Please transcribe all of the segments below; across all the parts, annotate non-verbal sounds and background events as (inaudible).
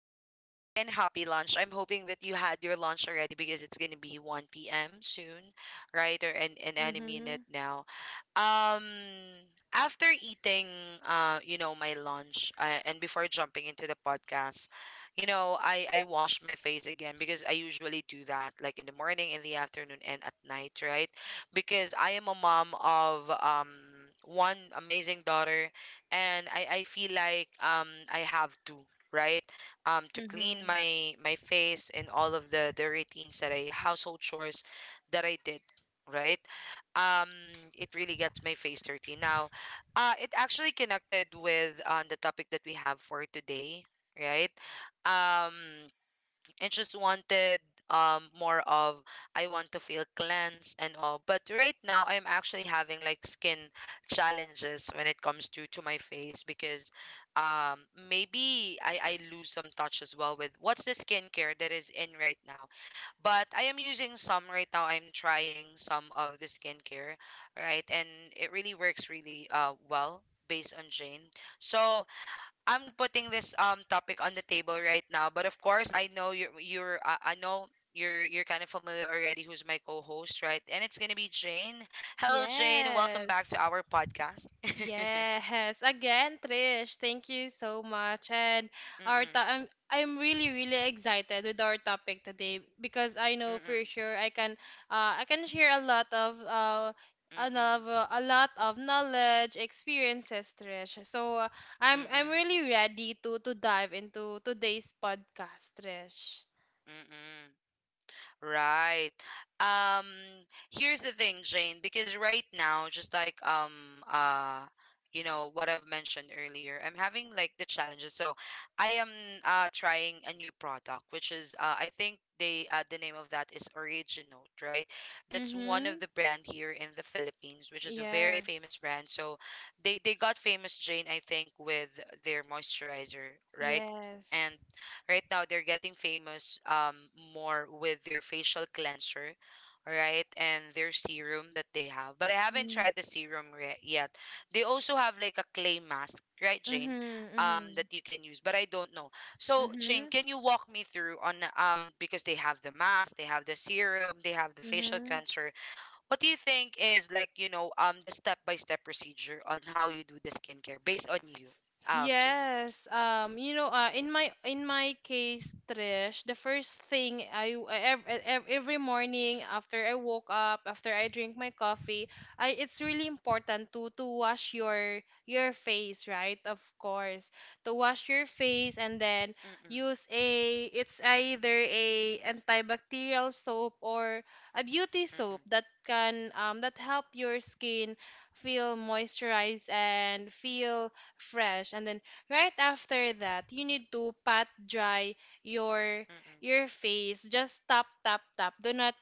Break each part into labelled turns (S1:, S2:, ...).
S1: Welcome back and happy lunch. I'm hoping that you had your lunch already because it's going to be 1 p.m. soon, right? Or an enemy in
S2: Mm-hmm.
S1: it now. Um, after eating, my lunch, and before jumping into the podcast, I wash my face again because I usually do that, like in the morning, in the afternoon, and at night, right? Because I am a mom of one amazing daughter, and I feel like I have to. Right, to clean
S2: Mm-hmm.
S1: my face and all of the routines that I household chores that I did, right. um it really gets my face dirty now. It actually connected with the topic that we have for today, right. um and just wanted more of, I want to feel cleansed and all. But right now I'm actually having like skin challenges when it comes to my face because, um maybe I lose some touch as well with what's the skincare that is in right now. But I am using some right now. I'm trying some of the skincare, right? And it really works really well based on Jane. So I'm putting this topic on the table right now, but of course I know you're I know you're kind of familiar already who's my co-host, right? And it's gonna be Jane. Hello, Jane. Welcome back to
S2: Yes.
S1: our podcast. (laughs) mm
S2: Yes. Again, Trish, thank you so much. And I'm really really excited with our topic today because I
S1: mm
S2: know for
S1: mm
S2: sure I can share
S1: mm mm
S2: another a lot of knowledge, experiences, Trish. So
S1: mm
S2: I'm
S1: mm
S2: I'm
S1: mm.
S2: really ready to dive into today's podcast, Trish.
S1: mm Right. Um here's the thing, Jane, because right now, just like you know what I've mentioned earlier, I'm having like the challenges. So I am trying a new product, which is I think the name of that is Origin, right? That's one of
S2: Mm-hmm.
S1: the brand here in the Philippines, which is a very famous
S2: Yes.
S1: brand. So they got famous, Jane, I think, with their moisturizer, right? And
S2: Yes.
S1: right now they're getting famous, more with their facial cleanser, right, and their serum that they have, but I haven't
S2: Mm.
S1: tried yet. They also have like a clay mask, right, Jane,
S2: Mhm,
S1: that
S2: mhm.
S1: you can use, but I don't know. So Jane,
S2: Mhm,
S1: can you walk me through on, because they have the mask, they have the serum, they have the facial
S2: mhm.
S1: cleanser, what do you think is like, the step by step procedure on how you do the skincare based on you, Jane?
S2: Yes, in my case, Trish, the first thing I every morning after I woke up, after I drink my coffee, I it's really important to wash your face, right? Of course, to wash your face, and then
S1: mm-mm,
S2: use a it's either a antibacterial soap or a beauty soap
S1: mm-mm,
S2: that can that help your skin feel moisturized and feel fresh. And then right after that, you need to pat dry your your
S1: mm-mm.
S2: face, just tap tap tap. do not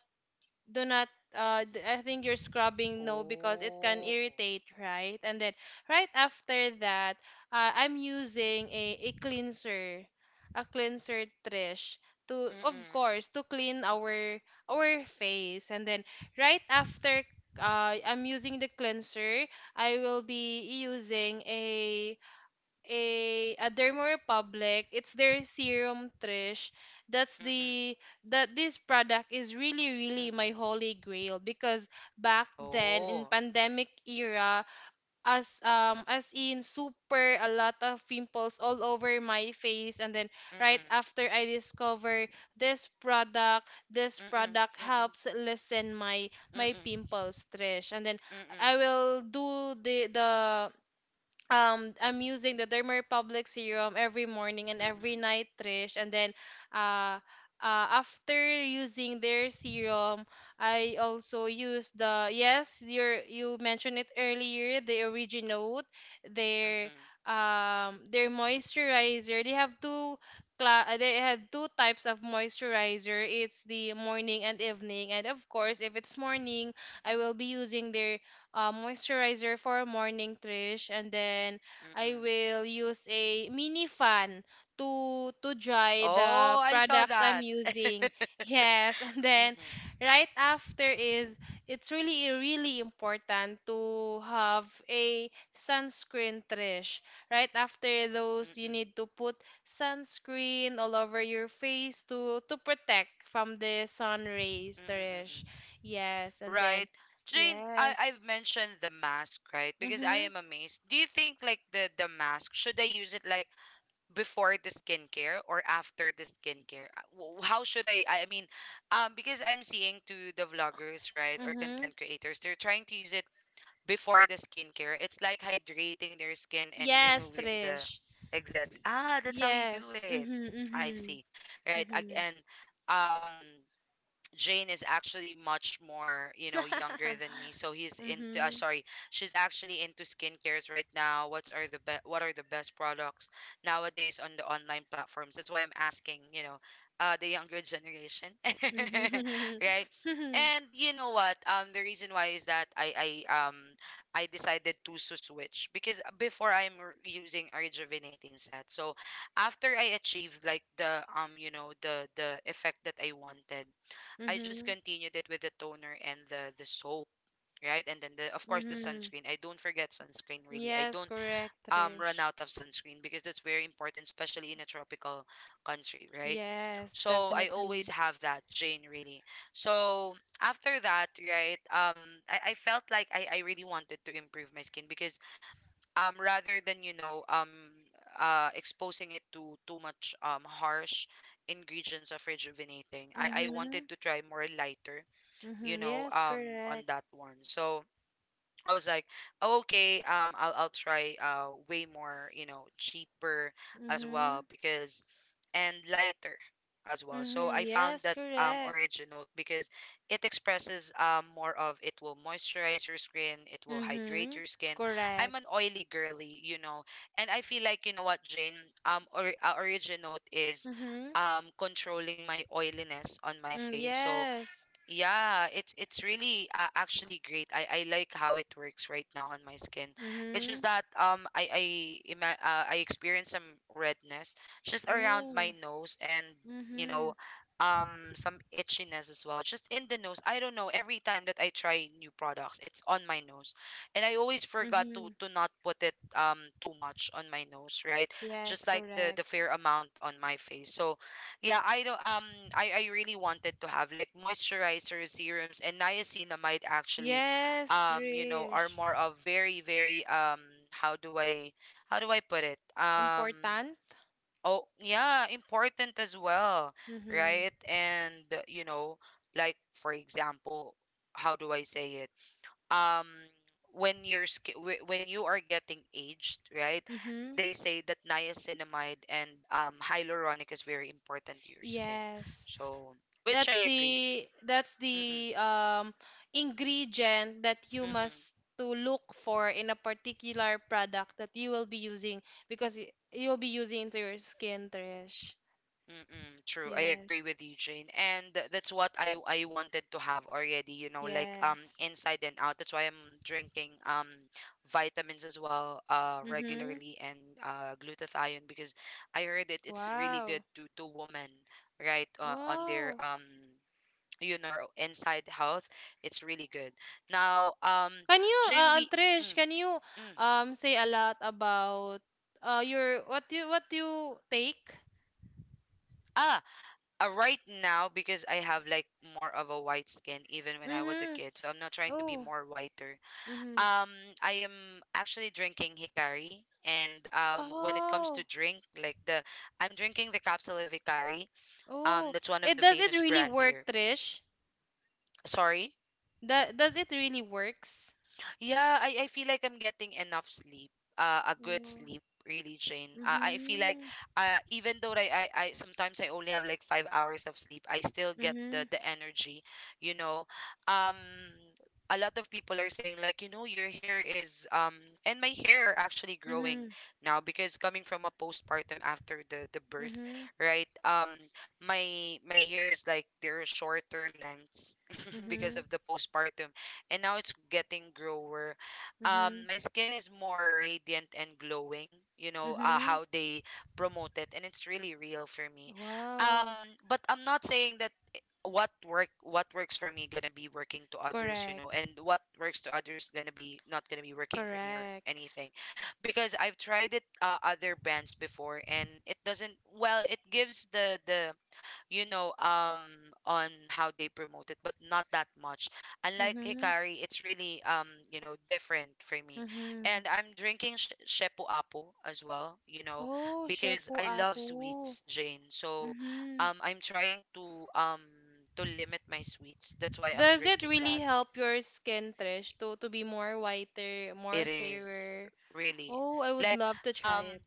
S2: do not I think you're scrubbing, no, because it can
S1: Oh,
S2: irritate, right? And then right after that, I'm using a cleanser, Trish, to
S1: mm,
S2: of
S1: mm,
S2: course to clean our face. And then right after, uh, i'm using the cleanser I will be using a Dermo Republic. It's their serum, Trish. That's the
S1: mm,
S2: that this product is really really my
S1: mm,
S2: holy grail, because back then in
S1: oh,
S2: pandemic era, as in super a lot of pimples all over my face. And then
S1: mm,
S2: right
S1: mm,
S2: after I discover this
S1: mm, mm,
S2: product helps lessen my pimples, Trish. And then
S1: mm,
S2: I
S1: mm,
S2: will do the I'm using the Dermarepublic serum every morning and every night, Trish. And then uh, after using their serum, I also use the, yes, you mentioned it earlier, the Originote,
S1: mm,
S2: their
S1: mm.
S2: their moisturizer. They have two types of moisturizer. It's the morning and evening. And of course, if it's morning, I will be using their moisturizer for morning, Trish, and then I will use a mini fan to dry the
S1: Oh, I saw
S2: products I'm
S1: that. (laughs)
S2: using. Yes, (laughs) and then
S1: Mm-mm,
S2: right after is it's really really important to have a sunscreen, Trish. Right after those, you
S1: mm-mm,
S2: need to put sunscreen all over your face to protect from the sun rays,
S1: mm-mm, mm-mm.
S2: Trish. Yes, and
S1: Right.
S2: then
S1: Jane,
S2: yes.
S1: I've mentioned the mask, right? Because I
S2: Mhm.
S1: am amazed. Do you think like the mask, should I use it like before the skincare or after the skincare? How should I? I mean, because I'm seeing to the vloggers, right, or
S2: Mhm.
S1: content creators, they're trying to use it before the skincare. It's like hydrating their skin and
S2: Yes,
S1: removing the
S2: Trish.
S1: excess.
S2: Y-
S1: Ah, that's how you do
S2: Yes.
S1: it. I
S2: Mhm.
S1: see.
S2: Mhm.
S1: Right.
S2: Mhm.
S1: Again, um, Jane is actually much more, you know, younger
S2: (laughs)
S1: than me. So he's into
S2: mhm.
S1: sorry, she's actually into skincares right now. What are the best products nowadays on the online platforms? That's why I'm asking, you know, the younger generation. (laughs)
S2: Mhm.
S1: Right?
S2: (laughs)
S1: And you know what? The reason why is that I decided to switch because before using a rejuvenating set. So after I achieved like the, the effect that I wanted, I just
S2: Mhm.
S1: continued it with the toner and the soap, right? And then the, of course, the
S2: Mhm.
S1: sunscreen. I don't forget sunscreen really. I
S2: Yes,
S1: don't
S2: correct,
S1: run
S2: Trish.
S1: out of sunscreen because that's very important, especially in a tropical country, right?
S2: Yes,
S1: So I always
S2: definitely.
S1: have that, Jane, really. So after that, right, I felt like I really wanted to improve my skin because, rather than, you know, exposing it to too much harsh ingredients of rejuvenating. I wanted
S2: Mhm.
S1: to try more lighter, you
S2: Mhm.
S1: know,
S2: Yes,
S1: on
S2: correct.
S1: that one. So I was like, oh, okay, I'll try way more, you know, cheaper as well
S2: Mhm.
S1: because, and lighter as well. So
S2: Mhm.
S1: I found
S2: Yes,
S1: that
S2: correct.
S1: original because it expresses, more of, it will moisturize your skin, it will hydrate
S2: Mhm.
S1: your skin. I'm an
S2: Correct.
S1: oily girly, you know, and I feel like, you know what, Jane, origin is
S2: Mhm.
S1: controlling my oiliness on my
S2: Mm,
S1: face. So
S2: yes.
S1: yeah, it's really actually great. I like how it works right now on my skin. It's just
S2: Mhm.
S1: that I experience some redness just around my
S2: Oh.
S1: nose and, you know,
S2: Mhm.
S1: some itchiness as well just in the nose. I don't know, every time that I try new products it's on my nose, and I always forgot to
S2: Mhm.
S1: not put it too much on my nose, right? Just
S2: Yes,
S1: like the
S2: correct.
S1: the fair amount on my face. So yeah, I don't I really wanted to have like moisturizers, serums and niacinamide actually,
S2: Yes,
S1: you know, are
S2: Trish.
S1: more of very very, how do I how do I put it?
S2: Important.
S1: Oh yeah, important as well,
S2: Mm-hmm.
S1: right? And you know, like for example, how do I say it? um when you are getting aged, right,
S2: Mm-hmm.
S1: they say that niacinamide and hyaluronic is very important to your skin,
S2: Yes.
S1: so, which
S2: That's
S1: I agree.
S2: the that's
S1: mm-mm,
S2: the um ingredient that you
S1: mm-mm.
S2: must to look for in a particular product that you will be using, because you'll be using into your skin, Trish.
S1: Mm-mm, true. I agree
S2: Yes.
S1: with you, Jane. And that's what I wanted to have already, you know, like
S2: Yes.
S1: inside and out. That's why I'm drinking vitamins as well,
S2: Mm-hmm.
S1: regularly, and glutathione because I heard it it's really good
S2: Wow.
S1: to women, right? On their
S2: Wow.
S1: you know, inside health. It's really good. Now,
S2: Can you,
S1: Jane, we
S2: Trish,
S1: mm,
S2: can you
S1: mm.
S2: say a lot about your what you take?
S1: Ah, right now because I have like more of a white skin even when I was a
S2: Mm-hmm.
S1: kid. So I'm not trying to be
S2: Oh.
S1: more whiter.
S2: Mm-hmm.
S1: Um, I am actually drinking Hikari. And when it comes to
S2: Oh.
S1: drink, I'm drinking the capsule of Hikari.
S2: Oh.
S1: That's one of
S2: It
S1: the
S2: does it
S1: famous
S2: really
S1: brand
S2: work,
S1: here.
S2: Trish?
S1: Sorry.
S2: That does it really works?
S1: Yeah, I feel like I'm getting enough sleep, a good
S2: Oh.
S1: sleep, really, Jane. I feel like,
S2: Mm-hmm.
S1: even though I sometimes I only have like 5 hours of sleep, I still get
S2: Mm-hmm.
S1: the energy, you know. Um, a lot of people are saying like, you know, your hair is, and my hair are actually growing
S2: Mm-hmm.
S1: now because coming from a postpartum after the birth,
S2: Mm-hmm.
S1: right? My hair is like they're shorter lengths (laughs) because
S2: Mm-hmm.
S1: of the postpartum, and now it's getting grower.
S2: Mm-hmm.
S1: My skin is more radiant and glowing. You know,
S2: Mm-hmm.
S1: how they promote it, and it's really real for me. Um,
S2: Wow.
S1: but I'm not saying that what works for me gonna be working to others, you know,
S2: Correct.
S1: and what works to others gonna be not gonna be working for me or
S2: Correct.
S1: anything because I've tried it, other brands before and it doesn't, well it gives the you know, on how they promote it, but not that much. Unlike
S2: Mm-hmm.
S1: Hikari, it's really, you know, different for me.
S2: Mm-hmm.
S1: And I'm drinking Shepu Apo as well, you know,
S2: Oh,
S1: because
S2: Shepu
S1: I love
S2: Apu.
S1: sweets, Jane. So
S2: Mm-hmm.
S1: I'm trying to limit my sweets. That's why I'm
S2: Does it
S1: drinking
S2: really
S1: that.
S2: help your skin, Trish, to be more whiter,
S1: It
S2: more
S1: is
S2: fairer?
S1: really
S2: Oh, I would
S1: like,
S2: love to
S1: um
S2: try it.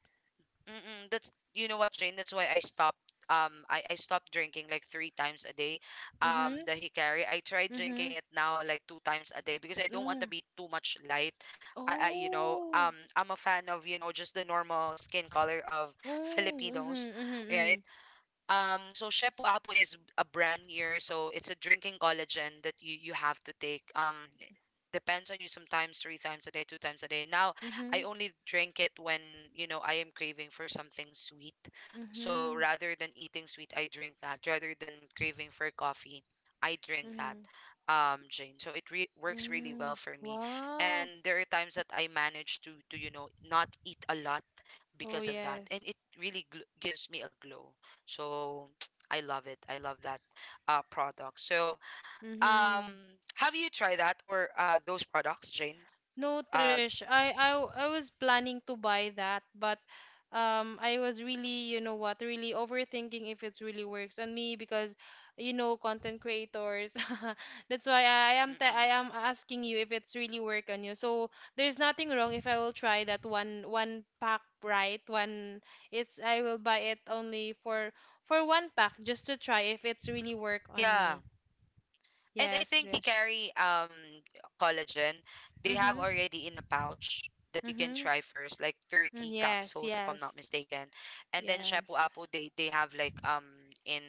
S1: mm-mm, that's, you know what, Jane, that's why I stopped, I stopped drinking like three times a day.
S2: Mhm.
S1: The Hikari. I tried drinking
S2: Mhm.
S1: it now like two times a day because I don't want to
S2: Oh.
S1: be too much light. I, you know,
S2: Oh.
S1: I'm a fan of, you know, just the normal skin color of
S2: Oh.
S1: Filipinos, right?
S2: Mhm. Mhm.
S1: So Shepu Apo is a brand here, so it's a drinking collagen that you have to take. Depends on you, sometimes three times a day, two times a day. Now I
S2: Mhm.
S1: only drink it when, you know, I am craving for something sweet. So
S2: Mhm.
S1: rather than eating sweet, I drink that. Rather than craving for coffee, I drink
S2: Mhm.
S1: that.
S2: Mhm.
S1: Jane. So it re works really well
S2: mhm.
S1: for me.
S2: Wow.
S1: And there are times that I manage to you know, not eat a lot
S2: Oh
S1: because of that. And
S2: yes.
S1: it really gl gives me a glow. So (tsk) I love it. I love that product. So um,
S2: Mhm.
S1: have you tried that or those products, Jane?
S2: No,
S1: Uh,
S2: Trish, I was planning to buy that, but I was really, you know what, really overthinking if it's really works on me, because content creators. (laughs) That's why I, I am ta
S1: mm-mm.
S2: I am asking you if it's really work on you. So there's nothing wrong if I will try that one pack, right? One it's I will buy it only for one pack, just to try if it's really work on
S1: Yeah.
S2: me.
S1: And I
S2: Yes,
S1: think
S2: Trish.
S1: Hikari collagen, they have
S2: Mm-hmm.
S1: already in a pouch that you can
S2: Mm-hmm.
S1: try first, like
S2: mm,
S1: 30
S2: Yes,
S1: capsules if I'm
S2: yes.
S1: not mistaken. And then Shapu
S2: Yes.
S1: Apu, they have like in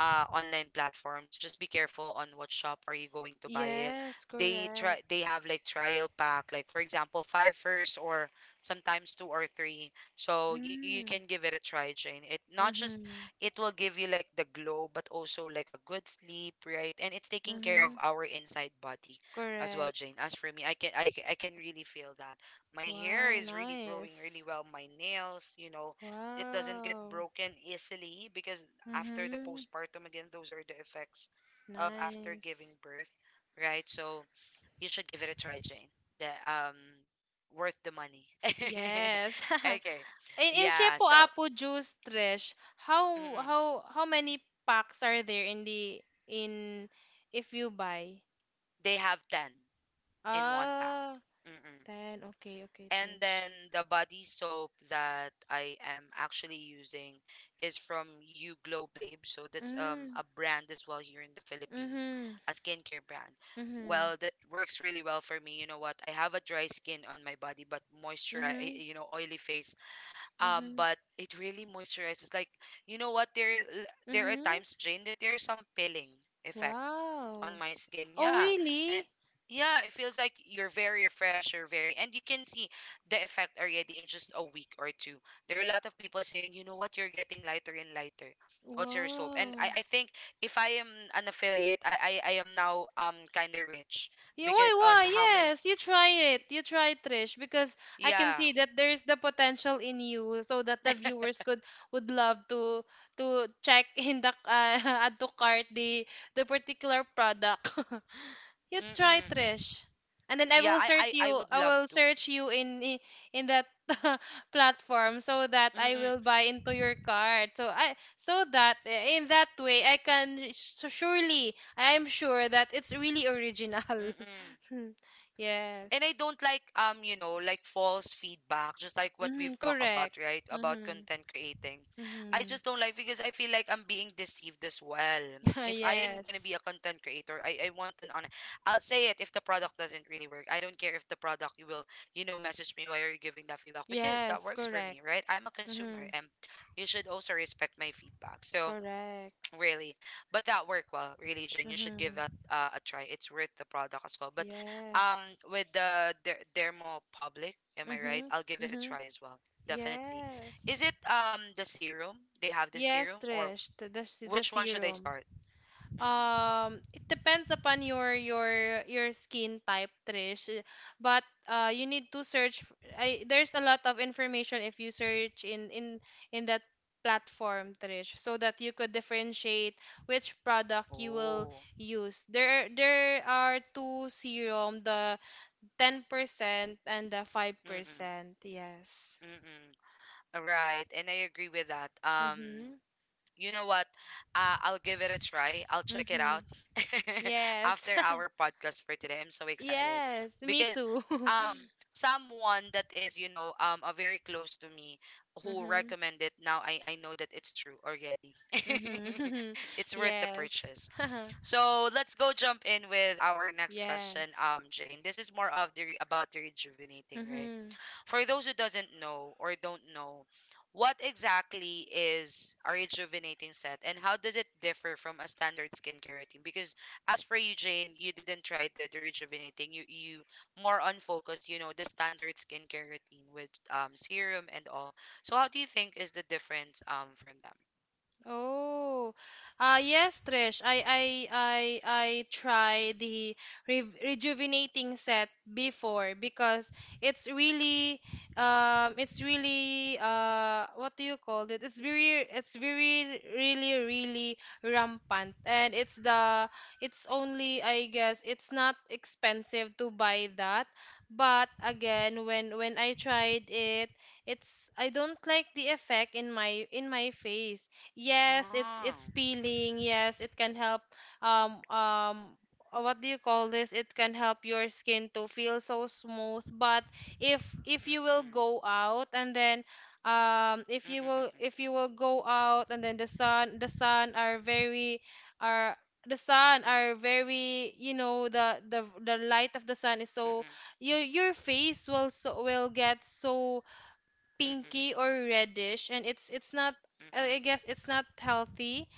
S1: online platforms. Just be careful on what shop are you going to buy it.
S2: Yes,
S1: They
S2: correct.
S1: have like trial pack, like for example, five first or sometimes two or three. So you
S2: Mm,
S1: can give it a try, Jane. It not just
S2: mm-hmm,
S1: It will give you like the glow but also like a good sleep, right? And it's taking care of
S2: mm-hmm,
S1: our inside body as well,
S2: correct.
S1: Jane. As for me, I can really feel that my hair
S2: Wow,
S1: is really growing
S2: nice.
S1: really well, my nails, you know, it doesn't get
S2: Wow.
S1: broken easily, because after the
S2: Mm-hmm,
S1: postpartum, again, those are the effects of after giving
S2: nice.
S1: birth, right? So you should give it a try, Jane. The worth the money. (laughs)
S2: Yes. (laughs)
S1: Okay.
S2: In
S1: Yeah,
S2: Shepo
S1: so
S2: Apo juice, Trish, how
S1: mm-mm.
S2: how how many packs are there in the in if you buy?
S1: They have 10 in one pack.
S2: Ah,
S1: Mm-mm.
S2: 10. Okay, okay,
S1: And
S2: Trish.
S1: then the body soap that I am actually using is from You Glow Babe. So that's
S2: Mm,
S1: a brand as well here in the Philippines,
S2: mm-hmm,
S1: a skincare brand.
S2: mm-hmm,
S1: Well, that works really well for me. You know what? I have a dry skin on my body, but moisturize,
S2: mm-hmm,
S1: you know, oily face.
S2: mm-hmm,
S1: But it really moisturizes. Like, you know what? there are
S2: mm-hmm.
S1: times, Jane, that there's some pilling effect
S2: Wow.
S1: on my skin.
S2: Oh,
S1: Yeah. And
S2: really?
S1: yeah, it feels like you're very refreshed, you're very, and you can see the effect already in just a week or two. There are a lot of people saying, you know what, you're getting lighter and lighter. What's your soap? And
S2: Wow.
S1: I think if I am an affiliate, I am now kinda rich
S2: Yeah, why,
S1: because on
S2: why?
S1: how many,
S2: Yes, you try it. You try it, Trish, because I can
S1: yeah.
S2: see that there's the potential in you, so that the
S1: (laughs)
S2: viewers could would love to check in the (laughs) add to cart the particular product. (laughs) You try,
S1: Mm-mm.
S2: Trish. And then I
S1: Yeah,
S2: will
S1: I,
S2: search
S1: I
S2: you.
S1: I would
S2: I
S1: love
S2: will
S1: to.
S2: search you in that (laughs) platform, so that I
S1: Mm-mm.
S2: will buy into your card. So I so that eh, In that way, I can so surely I am sure that it's really original.
S1: Mm-mm.
S2: (laughs)
S1: And I
S2: yes.
S1: don't like you know, like false feedback, just like what
S2: Mm-hmm,
S1: we've talked about,
S2: correct.
S1: right? About
S2: Mm-hmm.
S1: content creating. I
S2: Mm-hmm.
S1: just don't like because I feel like I'm being deceived as well. If I am gonna
S2: (laughs) yes.
S1: be a content creator, I want an honest. I'll say it if the product doesn't really work. I don't care if the product you will, you know, message me why are you giving that feedback? Because that
S2: Yes,
S1: works for
S2: correct.
S1: me, right? I'm a consumer
S2: Mm-hmm.
S1: and you should also respect my feedback. So
S2: Correct.
S1: really, but that worked well. Really, Jane, you should give that
S2: Mm-hmm.
S1: a try. It's worth the product as well. But um,
S2: Yes.
S1: with the Dermo Public, am I right?
S2: Mm-hmm.
S1: I'll give it a
S2: Mm-hmm.
S1: try as well. Definitely. Is
S2: Yes.
S1: it the serum? They have the
S2: Yes,
S1: serum, or
S2: Trish, the
S1: which one should I
S2: serum.
S1: start? Mm-mm.
S2: It depends upon your skin type, Trish. But you need to search. There's a lot of information if you search in that platform, Trish, so that you could differentiate which product you will
S1: Oh.
S2: use. There are two serum, the 10% and the
S1: Mm-mm.
S2: 5%. Yes.
S1: Mm-mm. All right, and I agree with that.
S2: Mhm.
S1: You know what? I'll give it a try. I'll check it
S2: Mhm.
S1: out (laughs)
S2: Yes.
S1: after our
S2: (laughs)
S1: podcast for today. I'm so excited
S2: Yes, me
S1: because
S2: too. (laughs)
S1: um someone that is, you know, a very close to me who
S2: Mm-hmm.
S1: recommended, now I know that it's true already. (laughs)
S2: Mm-hmm. (laughs)
S1: It's worth the
S2: Yes.
S1: purchase.
S2: (laughs)
S1: So let's go jump in with our next question,
S2: Yes.
S1: Jane. This is more of the about the rejuvenating, right?
S2: Mm-hmm.
S1: For those who doesn't know or don't know, what exactly is a rejuvenating set and how does it differ from a standard skincare routine? Because as for you, Jane, you didn't try the rejuvenating. You more on focus, you know, the standard skincare routine with serum and all. So how do you think is the difference from them?
S2: Oh, yes, Trish. I I tried the re rejuvenating set before, because it's really it's really what do you call it? It's very really really rampant, and it's only, I guess, it's not expensive to buy that. But again, when I tried it, it's I don't like the effect in my face. Yes, it's
S1: Oh.
S2: it's peeling. Yes, it can help um um what do you call this? It can help your skin to feel so smooth. But if you will
S1: Mm-mm.
S2: go out and then if you will
S1: Mm-mm.
S2: if you will go out, and then the sun are very are the sun
S1: Mm-mm.
S2: are very, the light of the sun is so
S1: Mm-mm.
S2: your face will get so
S1: Mm-mm. Mm-mm.
S2: pinky
S1: Mm-mm.
S2: or reddish, and it's not. I guess it's not healthy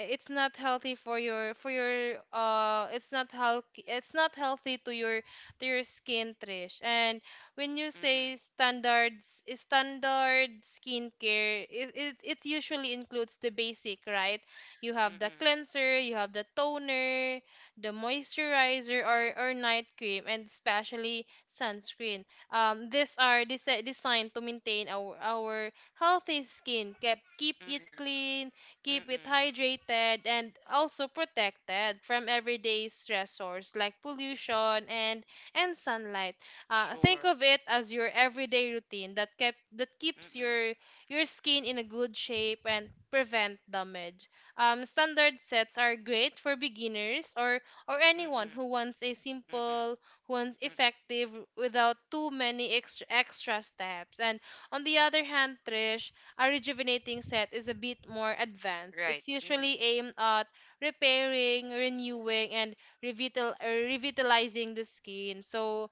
S2: it's not healthy to your skin, Trish. And when you say standard skincare, it usually includes the basic, right? You have the
S1: Mm-mm.
S2: cleanser, you have the toner, the moisturizer or night cream, and especially sunscreen. These are designed to maintain our healthy skin, kept keep it
S1: Mm-mm.
S2: clean,
S1: Mm-mm.
S2: keep it
S1: Mm-mm.
S2: hydrated, and also protected from everyday stressors like pollution and sunlight.
S1: Sure.
S2: Think of it as your everyday routine that kept that keeps
S1: Mm-mm.
S2: your skin in a good shape and prevent damage. Standard sets are great for beginners or
S1: Mm-mm.
S2: anyone who wants a
S1: Mm-mm.
S2: simple, who wants effective, without too many extra steps. And on the other hand, Trish, a rejuvenating set is a bit more
S1: Mm.
S2: advanced.
S1: Right.
S2: It's
S1: Mm-mm.
S2: usually aimed at repairing, renewing, and revitalizing the skin. So,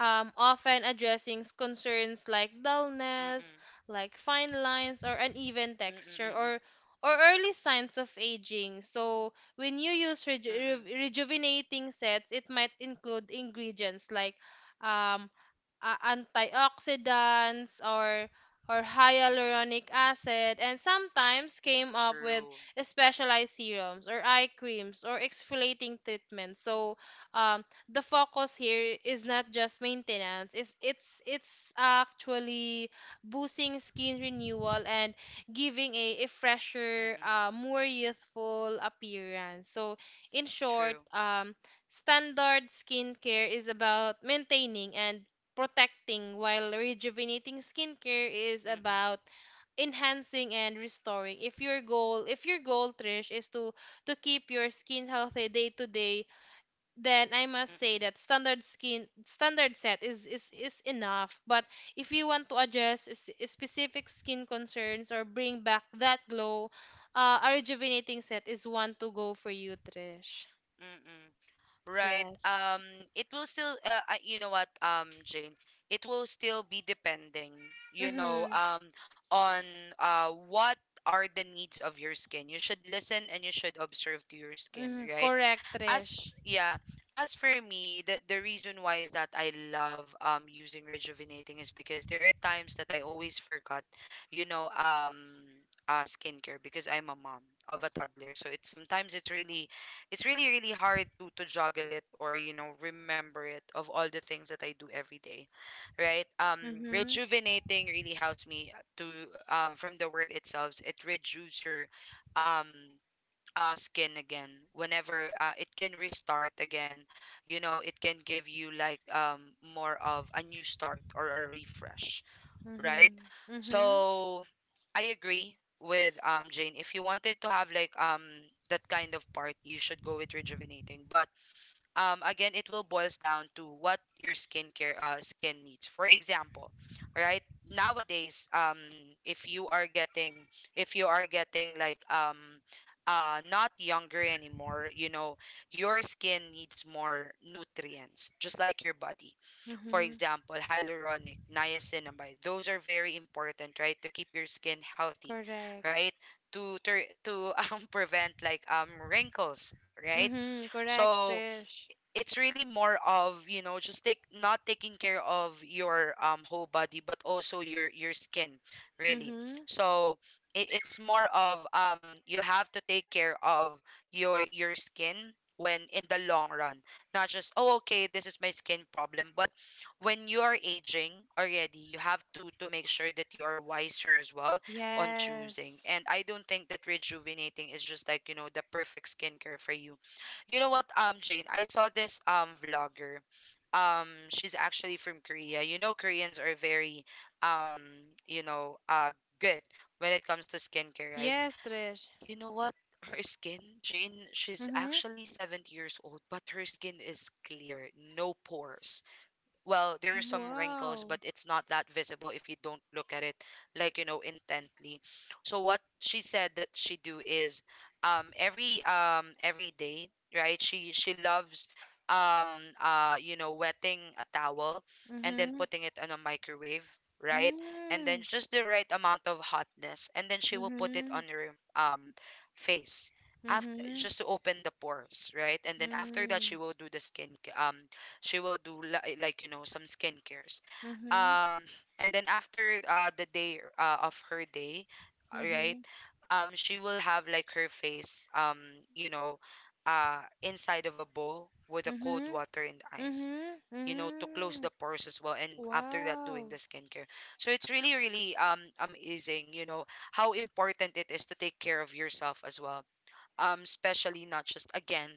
S2: often addressing concerns like
S1: Mm-mm.
S2: dullness, like fine lines or uneven
S1: Mm-mm,
S2: texture,
S1: mm-mm,
S2: or early signs of aging. So, when you use
S1: mm-mm,
S2: rejuvenating sets, it might include ingredients like um, antioxidants or
S1: mm-mm.
S2: hyaluronic acid, and sometimes came up with
S1: True.
S2: specialized serums or eye creams or exfoliating treatments. So um, the focus here is not just maintenance, it's actually boosting skin renewal and giving a fresher,
S1: Mm-mm.
S2: more youthful appearance. So in short,
S1: True.
S2: standard skincare is about maintaining and protecting, while rejuvenating skincare is
S1: Mm-mm.
S2: about enhancing and restoring. If your goal, Trish, is to keep your skin healthy day to day, then I must say
S1: Mm-mm.
S2: that standard set is enough. But if you want to address specific skin concerns or bring back that glow, a rejuvenating set is one to go for you, Trish.
S1: Mm-mm. Right.
S2: Yes.
S1: It will still, you know what, Jane, it will still be depending, you know,
S2: Mhm.
S1: on what are the needs of your skin. You should listen and you should observe to your skin,
S2: Mhm.
S1: right?
S2: Correct,
S1: as
S2: Trish.
S1: Yeah. As for me, the reason why is that I love using rejuvenating is because there are times that I always forgot, you know, skincare, because I'm a mom of a toddler. So it's sometimes it's really, it's really really hard to juggle it, or, you know, remember it of all the things that I do every day, right?
S2: Mhm.
S1: Rejuvenating really helps me to, from the word itself, it rejuves your, um skin again, whenever it can restart again. You know, it can give you like more of a new start or a refresh, right?
S2: Mhm. Mhm.
S1: So I agree with Jane. If you wanted to have like that kind of party, you should go with rejuvenating. But again, it will boils down to what your skincare skin needs. For example, right, nowadays, if you are getting, if you are getting like not younger anymore, you know, your skin needs more nutrients just like your body. For
S2: Mhm.
S1: example, hyaluronic, niacinamide, those are very important, right, to keep your skin healthy,
S2: Correct.
S1: right? To, (laughs) prevent like wrinkles, right?
S2: Mhm. Correct,
S1: So
S2: Trish.
S1: it's really more of, you know, just take not taking care of your whole body, but also your skin, really.
S2: Mhm.
S1: So it's more of, you have to take care of your skin when in the long run. Not just, oh, okay, this is my skin problem, but when you are aging already, you have to make sure that you are wiser as well on choosing.
S2: Yes.
S1: And I don't think that rejuvenating is just like, you know, the perfect skincare for you. You know what, Jane, I saw this vlogger. She's actually from Korea. You know, Koreans are very, um, you know, good when it comes to skincare, right?
S2: Yes, Trish.
S1: You know what? Her skin, Jane, she's
S2: Mhm.
S1: actually 70 years old, but her skin is clear, no pores. Well, there are some wrinkles,
S2: Wow.
S1: but it's not that visible if you don't look at it like, you know, intently. So what she said that she do is every day, right? She loves um you know, wetting a towel and then
S2: Mhm.
S1: putting it on a microwave, right? And then
S2: Mm.
S1: just the right amount of hotness, and then she will put it on
S2: Mhm.
S1: her face after,
S2: Mhm.
S1: just to open the pores, right? And then after that she
S2: Mm.
S1: will do the skin, um she will do like, you know, some skincares.
S2: Mhm.
S1: um and then after the day of her day, right,
S2: Mhm.
S1: she will have like her face you know, inside of a bowl with a cold
S2: Mhm.
S1: water and ice,
S2: Mhm.
S1: you know, to close the
S2: Mm.
S1: pores as well, and after that doing the
S2: Wow.
S1: skincare. So it's really really amazing, you know, how important it is to take care of yourself as well, especially not just again,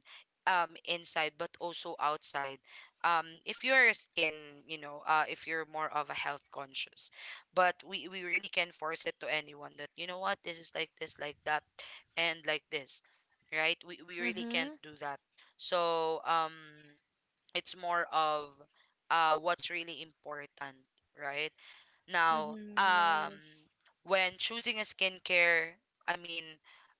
S1: inside but also outside. If you're a skin, you know, if you're more of a health conscious. But we really can force it to anyone that, you know what, this is like this, like that, and like this, right? We really can't
S2: Mhm.
S1: do that. So it's more of what's really important, right, now,
S2: Mhm. Yes.
S1: when choosing a skincare, I mean,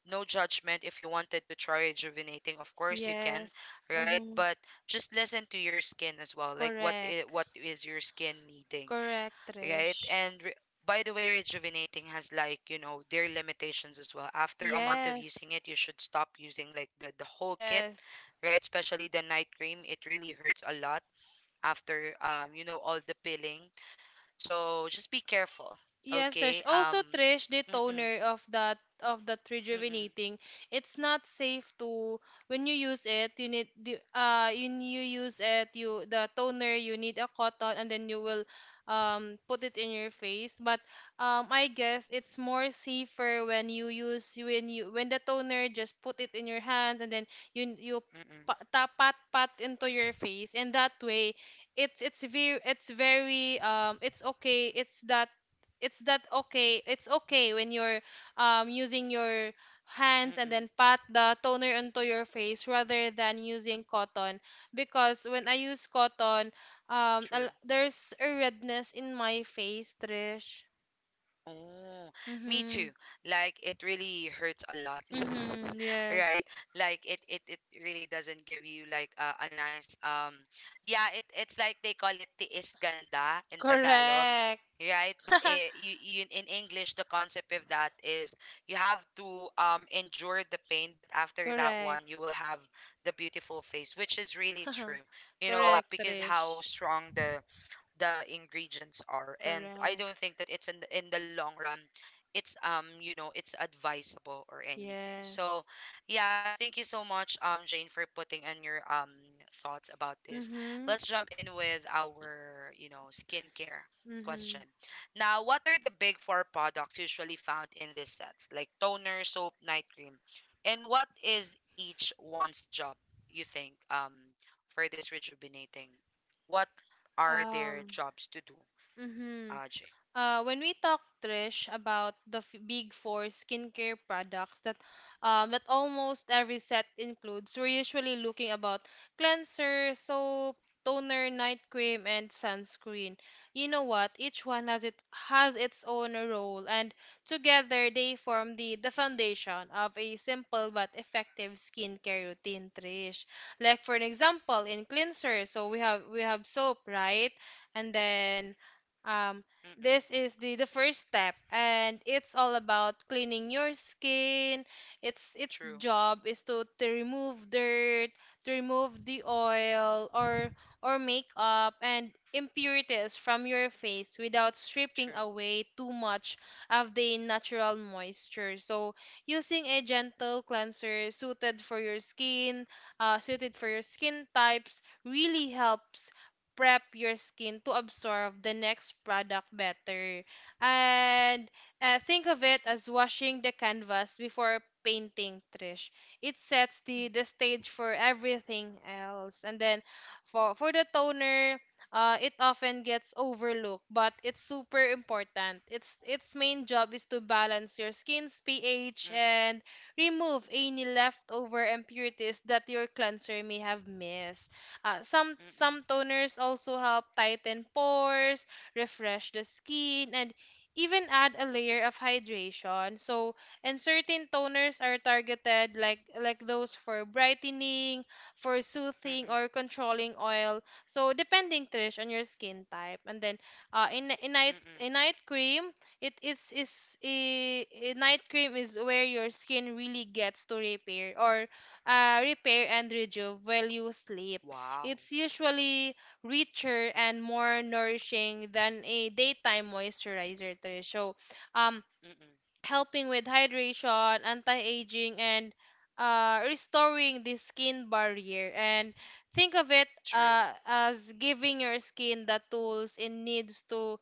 S1: no judgment. If you wanted to try rejuvenating, of course you can,
S2: Yes.
S1: right?
S2: Mhm.
S1: But just listen to your skin as well. Like,
S2: Correct.
S1: what is your skin needing,
S2: Correct,
S1: right?
S2: Trish.
S1: By the way, rejuvenating has like, you know, their limitations as well. After a month of
S2: Yes,
S1: using it, you should stop using like the whole kit,
S2: yes.
S1: right? Especially the night cream, it really hurts a lot after, you know, all the peeling. So just be careful,
S2: Yes, there's
S1: okay?
S2: also, Trish, the
S1: Mm-mm,
S2: toner of that,
S1: mm-mm,
S2: rejuvenating. It's not safe to when you use it. You need the When you use it, you the toner, you need a cotton and then you will put it in your face. But I guess it's more safer when you use when the toner just put it in your hand and then you
S1: mm-mm,
S2: tap pat into your face. And that way it's very it's very it's okay it's that okay it's okay when you're using your hands and
S1: mm-mm,
S2: then pat the toner onto your face rather than using cotton. Because when I use cotton,
S1: true.
S2: there's a redness in my face, Trish.
S1: Oh, me too.
S2: Mm-hmm.
S1: Like it really hurts a lot,
S2: Mm-hmm.
S1: (laughs)
S2: Yes,
S1: right? Like it really doesn't give you like a nice yeah, it it's like they call it tiis ganda in Tagalog,
S2: correct.
S1: right? But
S2: (laughs)
S1: it, you in English, the concept of that is you have to endure the pain, but after that one,
S2: Correct.
S1: you will have the beautiful face, which is really true.
S2: (laughs)
S1: You know what?
S2: Correct,
S1: Because how
S2: Trish.
S1: strong the ingredients are, and I don't
S2: Correct.
S1: think that it's in the long run it's you know, it's advisable or anything. So
S2: Yes.
S1: yeah, thank you so much, Jane, for putting in your thoughts about this.
S2: Mm-hmm.
S1: Let's jump in with our, you know, skincare question.
S2: Mm-hmm.
S1: Now, what are the big four products usually found in these sets, like toner, soap, night cream, and what is each one's job, you think, for this rejuvenating, what are their
S2: um
S1: jobs to do,
S2: mm-hmm.
S1: Ajay?
S2: When we talk, Trish, about the f big four skincare products that, that almost every set includes, we're usually looking about cleanser, soap, toner, night cream, and sunscreen. You know what? Each one has it has its own role, and together they form the foundation of a simple but effective skincare routine, Trish. Like for an example, in cleanser, so we have soap, right? And then, um
S1: Mm-mm.
S2: this is the first step, and it's all about cleaning your skin. Its
S1: True,
S2: job is to remove dirt, to remove the oil or makeup and impurities from your face without stripping
S1: true.
S2: away too much of the natural moisture. So, using a gentle cleanser suited for your skin types really helps prep your skin to absorb the next product better. And think of it as washing the canvas before painting, Trish. It sets
S1: Mm-mm.
S2: the stage for everything else. And then for, the toner, it often gets overlooked, but it's super important. Its main job is to balance your skin's pH
S1: Mm-mm,
S2: and remove any leftover impurities that your cleanser may have missed. Uh, some
S1: mm-mm,
S2: some toners also help tighten pores, refresh the skin, and even add a layer of hydration. So, and certain toners are targeted like those for brightening, for soothing,
S1: mm-mm,
S2: or controlling oil. So, depending, Trish, on your skin type. And then, uh, in in night
S1: mm-mm.
S2: in night cream, it is I- night cream is where your skin really gets to repair and rejuve while you sleep.
S1: Wow.
S2: It's usually richer and more nourishing than a daytime moisturizer, Trish. So, um,
S1: Mm-mm,
S2: helping with hydration, anti-aging, and, restoring the skin barrier. And think of it,
S1: true.
S2: as giving your skin the tools it needs to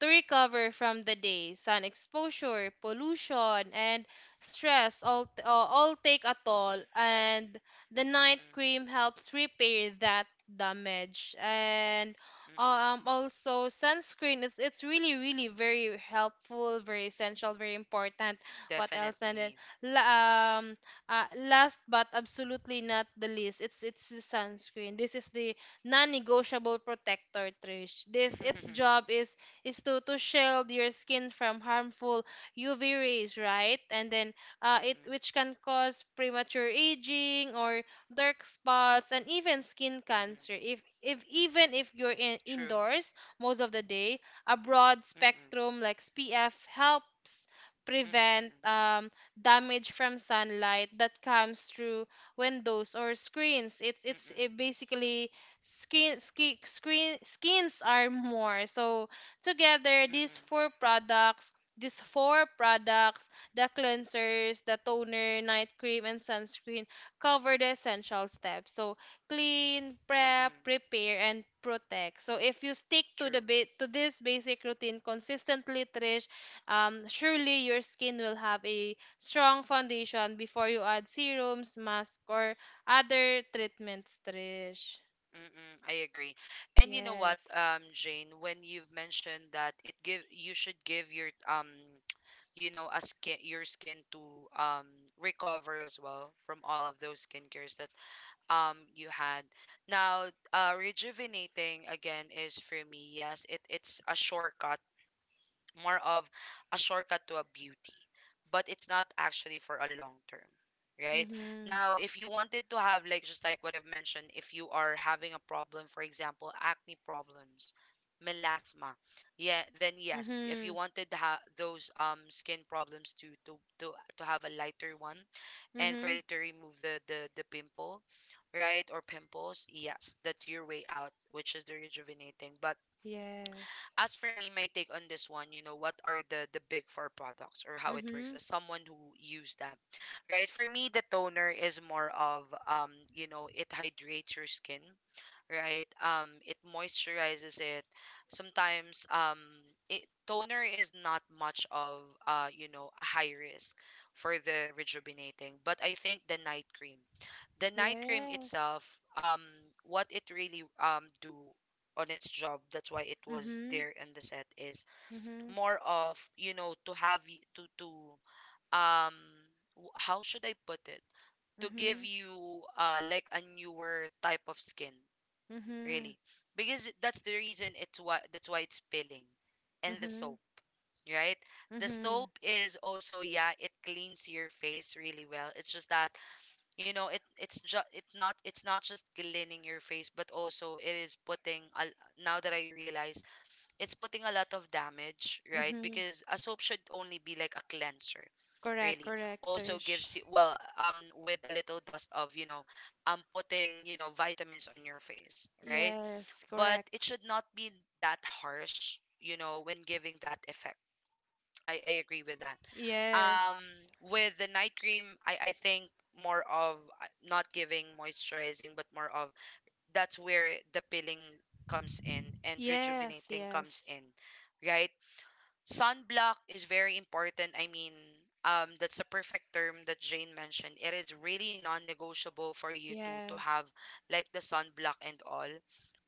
S2: recover from the day. Sun exposure, pollution, and stress all, all take a toll, and the night
S1: Mm-mm,
S2: cream helps repair that damage. And,
S1: mm-mm.
S2: also sunscreen. It's really very helpful, very essential, very important. What else? And then,
S1: Definitely.
S2: la- um, last but absolutely not the least, it's the sunscreen. This is the non-negotiable protector, Trish. This its
S1: (laughs)
S2: job is to shield your skin from harmful UV rays, right? And then, it
S1: Mm-mm,
S2: which can cause premature aging or dark spots, and even skin
S1: mm-mm.
S2: cancer. If even if you're
S1: True.
S2: indoors most of the day, a broad
S1: Mm-mm,
S2: spectrum like SPF helps prevent
S1: mm-mm,
S2: damage from sunlight that comes through windows or screens. It's it's
S1: mm-mm,
S2: it basically skin screen skins are more. So together,
S1: mm-mm,
S2: these four products. These four products, the cleansers, the toner, night cream, and sunscreen cover the essential steps. So clean, prep,
S1: mm-mm.
S2: prepare, and protect. So if you stick to
S1: True.
S2: to this basic routine consistently, Trish, surely your skin will have a strong foundation before you add serums, mask, or other treatments, Trish.
S1: Mm-mm, I agree. And you know what,
S2: Yes.
S1: Jane, when you've mentioned that it give you should give your your skin to um recover as well from all of those skincares that you had. Now, rejuvenating again is for me, yes, it's a shortcut, more of a shortcut to a beauty, but it's not actually for a long term, right?
S2: Mm-hmm.
S1: Now, if you wanted to have, like, just like what I've mentioned, if you are having a problem, for example, acne problems, melasma, yeah, then yes, if
S2: Mm-hmm.
S1: you wanted to those skin problems to, to have a lighter one and for
S2: Mm-hmm.
S1: you to remove the pimple, right, or pimples, yes, that's your way out, which is the rejuvenating. But
S2: Yes.
S1: as for me, my take on this one, you know, what are the big four products or how it works
S2: Mm-hmm.
S1: as someone who used that, right? For me, the toner is more of you know, it hydrates your skin, right? It moisturizes it. Sometimes toner is not much of you know, a high risk for the rejuvenating, but I think the night cream
S2: Yes.
S1: itself, what it really do on its job, that's why it was
S2: Mm-hmm.
S1: there in the set, is
S2: Mm-hmm.
S1: more of, you know, to to um how should I put it, to give
S2: Mm-hmm.
S1: you like a newer type of skin,
S2: Mm-hmm.
S1: really, because that's the reason it's why that's why it's peeling. And the
S2: Mm-hmm.
S1: soap, right, the soap
S2: Hmm.
S1: is also, yeah, it cleans your face really well. It's just that, you know, it's not just cleaning your face, but also it is putting a, now that I realize, it's putting a lot of damage, right?
S2: Mm-hmm.
S1: Because a soap should only be like a cleanser,
S2: Correct,
S1: really.
S2: correct,
S1: Also gives
S2: Tish.
S1: you, well, with a little dust of, you know, putting, you know, vitamins on your face, right?
S2: Yes,
S1: But
S2: correct.
S1: it should not be that harsh, you know, when giving that effect. I agree with that. Um,
S2: Yes.
S1: with the night cream, I think more of, not giving moisturizing, but more of, that's where the peeling comes in and
S2: Yes,
S1: rejuvenating comes
S2: yes.
S1: in, right? Sunblock is very important. I mean, that's a perfect term that Jane mentioned. It is really non-negotiable for you to
S2: Yes.
S1: have like the sunblock and all,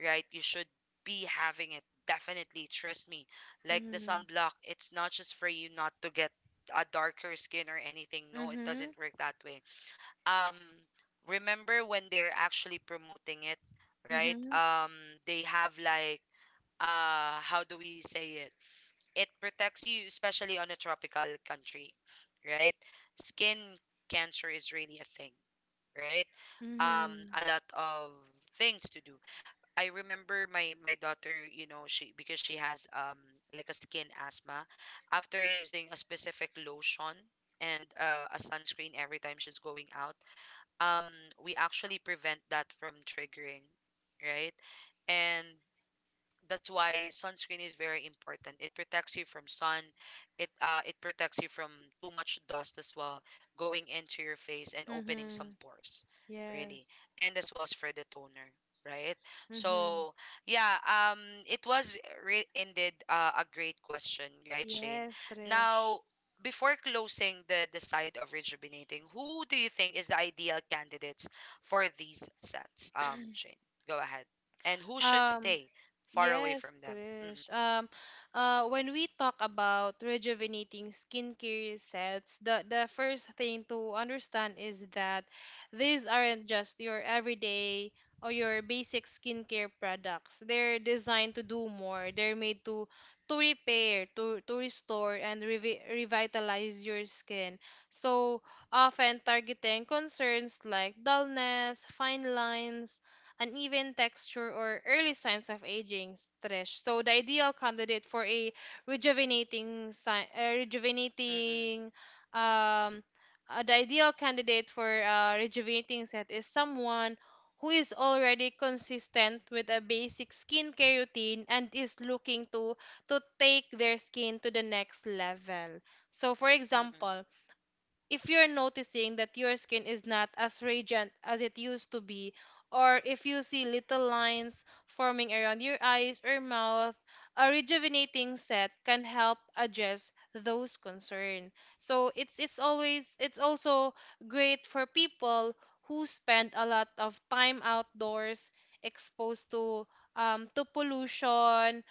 S1: right? You should be having it. Definitely, trust me. Like the
S2: Mm-hmm.
S1: sunblock, it's not just for you not to get a darker skin or anything. No, it
S2: Mm-hmm.
S1: doesn't work that way. Um, remember when they're actually promoting it, right?
S2: Mm-hmm.
S1: They have like, how do we say it? It protects you, especially on a tropical country, right? Skin cancer is really a thing, right?
S2: Mm-hmm.
S1: A lot of things to do. I remember my daughter, you know, she, because she has like a skin asthma. After using a specific lotion and a sunscreen every time she's going out, um, we actually prevent that from triggering, right? And that's why sunscreen is very important. It protects you from sun. It protects you from too much dust as well going into your face and opening some
S2: Mm-hmm.
S1: pores, really.
S2: Yes.
S1: And as well as for the toner, right?
S2: Mm-hmm.
S1: So yeah, it was indeed a great question, right, Shane?
S2: Yes, Trish.
S1: Now, before closing the side of rejuvenating, who do you think is the ideal candidates for these sets? Shane, go ahead. And who should
S2: Um,
S1: stay far away
S2: Yes,
S1: from them? Mhm.
S2: Trish. When we talk about rejuvenating skincare sets, the first thing to understand is that these aren't just your everyday or your basic skincare products. They're designed to do more. They're made to repair, to restore, and revitalize your skin. So often targeting concerns like dullness, fine lines, uneven texture, or early signs of aging, Trish. So the ideal candidate for a rejuvenating si-
S1: Mm-mm.
S2: rejuvenating um the ideal candidate for a rejuvenating set is someone who is already consistent with a basic skincare routine and is looking to take their skin to the next level. So for
S1: Mm-mm.
S2: example, if you're noticing that your skin is not as radiant as it used to be, or if you see little lines forming around your eyes or mouth, a rejuvenating set can help address those concerns. So it's also great for people who spend a lot of time outdoors exposed to, to pollution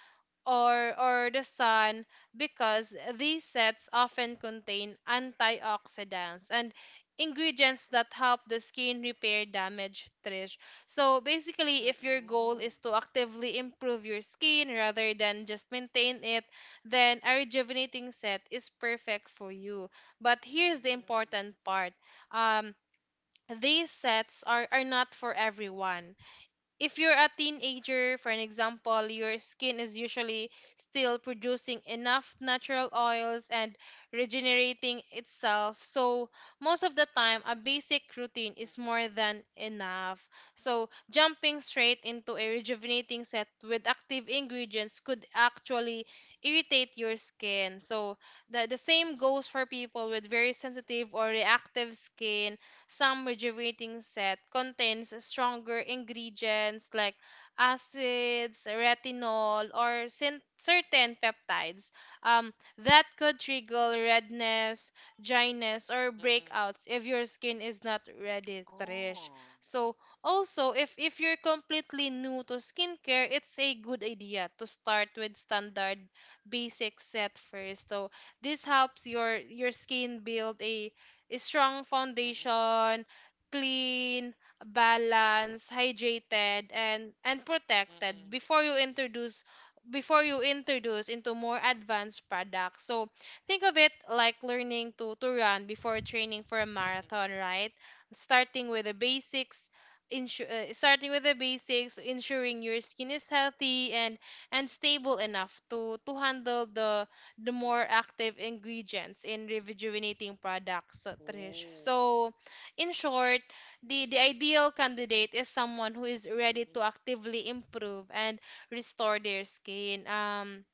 S2: or the sun, because these sets often contain antioxidants and ingredients that help the skin repair damage, Trish. So basically, if your goal
S1: Mm-mm.
S2: is to actively improve your skin rather than just maintain it, then a rejuvenating set is perfect for you. But here's the
S1: Mm.
S2: important part. um these sets are, not for everyone. If you're a teenager, for an example, your skin is usually still producing enough natural oils and regenerating itself. So, most of the time, a basic routine is
S1: Mm-mm.
S2: more than enough. So, jumping straight into a rejuvenating set with active ingredients could actually irritate your skin. So, the same
S1: Mm-mm.
S2: goes for people with very sensitive or reactive skin. Some refrigerating set contains stronger ingredients like acids, retinol, or certain peptides, that could trigger redness, dryness, or
S1: Mm-mm.
S2: breakouts if your skin is not ready, reddish.
S1: Oh.
S2: So, also, if, you're completely new to skincare, it's a good idea to start with standard basic set first. So, this helps your skin build a strong
S1: Mm-mm.
S2: foundation, clean, balanced, hydrated, and protected
S1: Mm-mm.
S2: before you introduce into more advanced products. So think of it like learning to run before training for a
S1: Mm-mm.
S2: marathon, right? Starting with the basics, Starting with the basics, ensuring your skin is healthy and stable enough to handle the more
S1: Mm-mm.
S2: active ingredients in rejuvenating products, Trish.
S1: Oh.
S2: So, in short, the ideal candidate is someone who is ready to
S1: Mm-mm.
S2: actively improve and restore their skin. Um,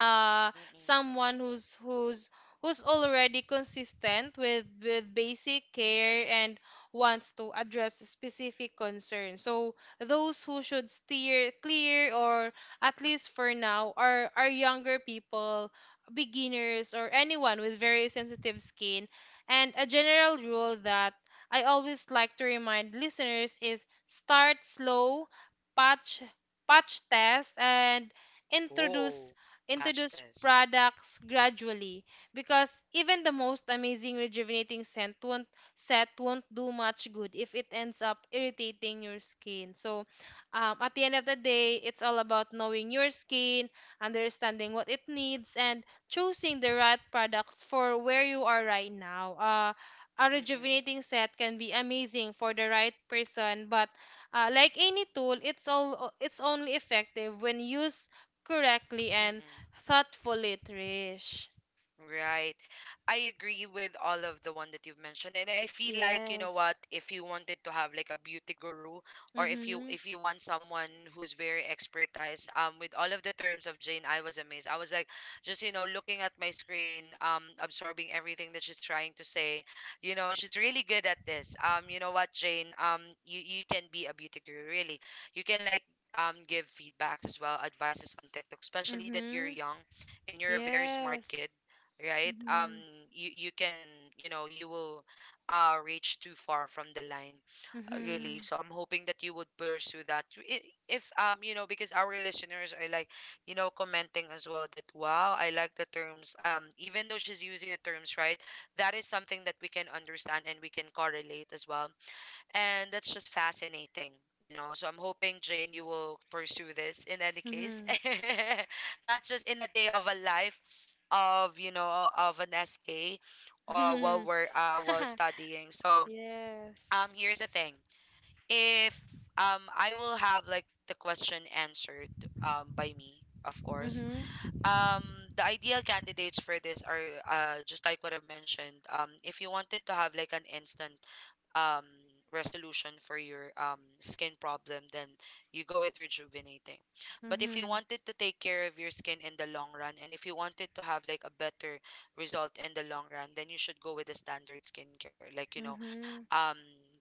S2: uh
S1: Mm-mm.
S2: Someone who's already consistent with basic care and wants to address specific concerns. So those who should steer clear, or at least for now, are younger people, beginners, or anyone with very sensitive skin. And a general rule that I always like to remind listeners is start slow, patch patch test, and
S1: Oh.
S2: introduce
S1: Patch
S2: introduce
S1: test.
S2: products gradually, because even the most amazing rejuvenating scent won't set won't do much good if it ends up irritating your skin. So, at the end of the day, it's all about knowing your skin, understanding what it needs, and choosing the right products for where you are right now. A
S1: Mm-mm.
S2: rejuvenating set can be amazing for the right person, but, like any tool, it's only effective when used correctly and
S1: Mm-mm.
S2: thoughtfully, Trish.
S1: Right. I agree with all of the one that you've mentioned. And I feel like, you know
S2: Yes.
S1: what, if you wanted to have like a beauty guru, or if you
S2: Mhm.
S1: if you want someone who's very expertise, with all of the terms of Jane, I was amazed. I was like, just, you know, looking at my screen, absorbing everything that she's trying to say. You know, she's really good at this. You know what, Jane, you can be a beauty guru, really. You can like give feedbacks as well, advices on TikTok, especially that you're
S2: Mhm.
S1: young and you're a very smart
S2: Yes.
S1: kid, right?
S2: Mhm.
S1: You can, you know, you will reach too far from the line, really.
S2: Mhm.
S1: So I'm hoping that you would pursue that. I- if you know, because our listeners are like, you know, commenting as well that, wow, I like the terms, even though she's using the terms right, that is something that we can understand and we can correlate as well, and that's just fascinating, you know. So I'm hoping, Jane, you will pursue this in any case,
S2: Mhm.
S1: (laughs) not just in a day of a life of, you know, of an SK, while
S2: Mhm.
S1: we're while
S2: (laughs)
S1: studying. So
S2: Yes.
S1: here's the thing. If I will have like the question answered by me, of course.
S2: Mhm.
S1: Um, the ideal candidates for this are, just like what I've mentioned. If you wanted to have like an instant um resolution for your skin problem, then you go with rejuvenating. But if you
S2: Mhm.
S1: wanted to take care of your skin in the long run, and if you wanted to have like a better result in the long run, then you should go with the standard skincare, like, you know,
S2: Mhm.
S1: um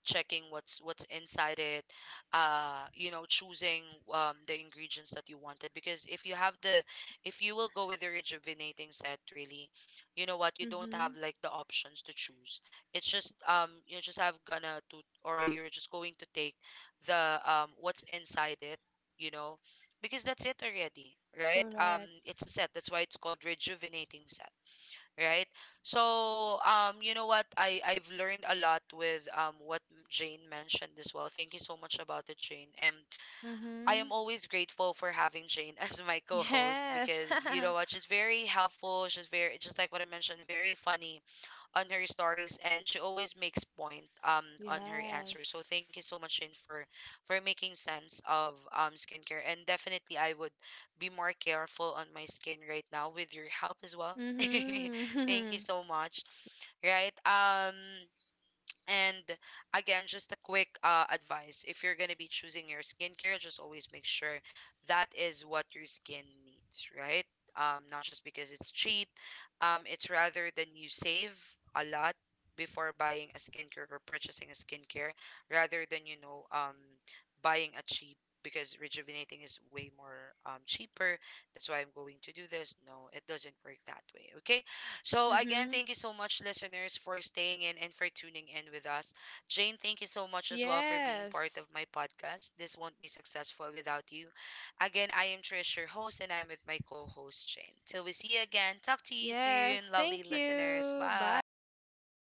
S1: checking what's inside it, you know, choosing the ingredients that you wanted. Because if you have the, if you will go with the rejuvenating set, really, you know what, you don't have
S2: Mhm.
S1: like the options to choose. It's just, you're just have gonna to or you're just going to take the what's inside it, you know, because that's it already, right?
S2: Correct.
S1: It's a set, that's why it's called rejuvenating set, right? So, you know what, I've learned a lot with what Jane mentioned as well. Thank you so much about it, Jane. And I am
S2: Mhm.
S1: always grateful for having Jane (laughs) as my co-host,
S2: Yes. (laughs)
S1: because you know what, she's very helpful, she's very, just like what I mentioned, very funny on her stories, and she always makes point on her answers. So
S2: Yes.
S1: thank you so much, Shane, for making sense of skincare. And definitely I would be more careful on my skin right now with your help as well. (laughs) thank you
S2: Mhm.
S1: so much. Right? And again, just a quick advice, if you're going to be choosing your skincare, just always make sure that is what your skin needs, right? Not just because it's cheap, it's rather than you save a lot before buying a skincare or purchasing a skincare, rather than, you know, buying a cheap, because rejuvenating is way more cheaper. That's why I'm going to do this. No, it doesn't work that way. Okay. So, again,
S2: Mhm.
S1: thank
S2: (laughs)
S1: you so much, listeners, for staying in and for tuning in with us. Jane, thank you so much as well for being part of
S2: Yes.
S1: my podcast. This won't be successful without you. Again, I am Trish, your host, and I'm with my co host, Jane. Till we see you again, talk to you soon,
S2: Yes.
S1: lovely
S2: Thank
S1: listeners.
S2: you.
S1: Bye.
S2: Bye.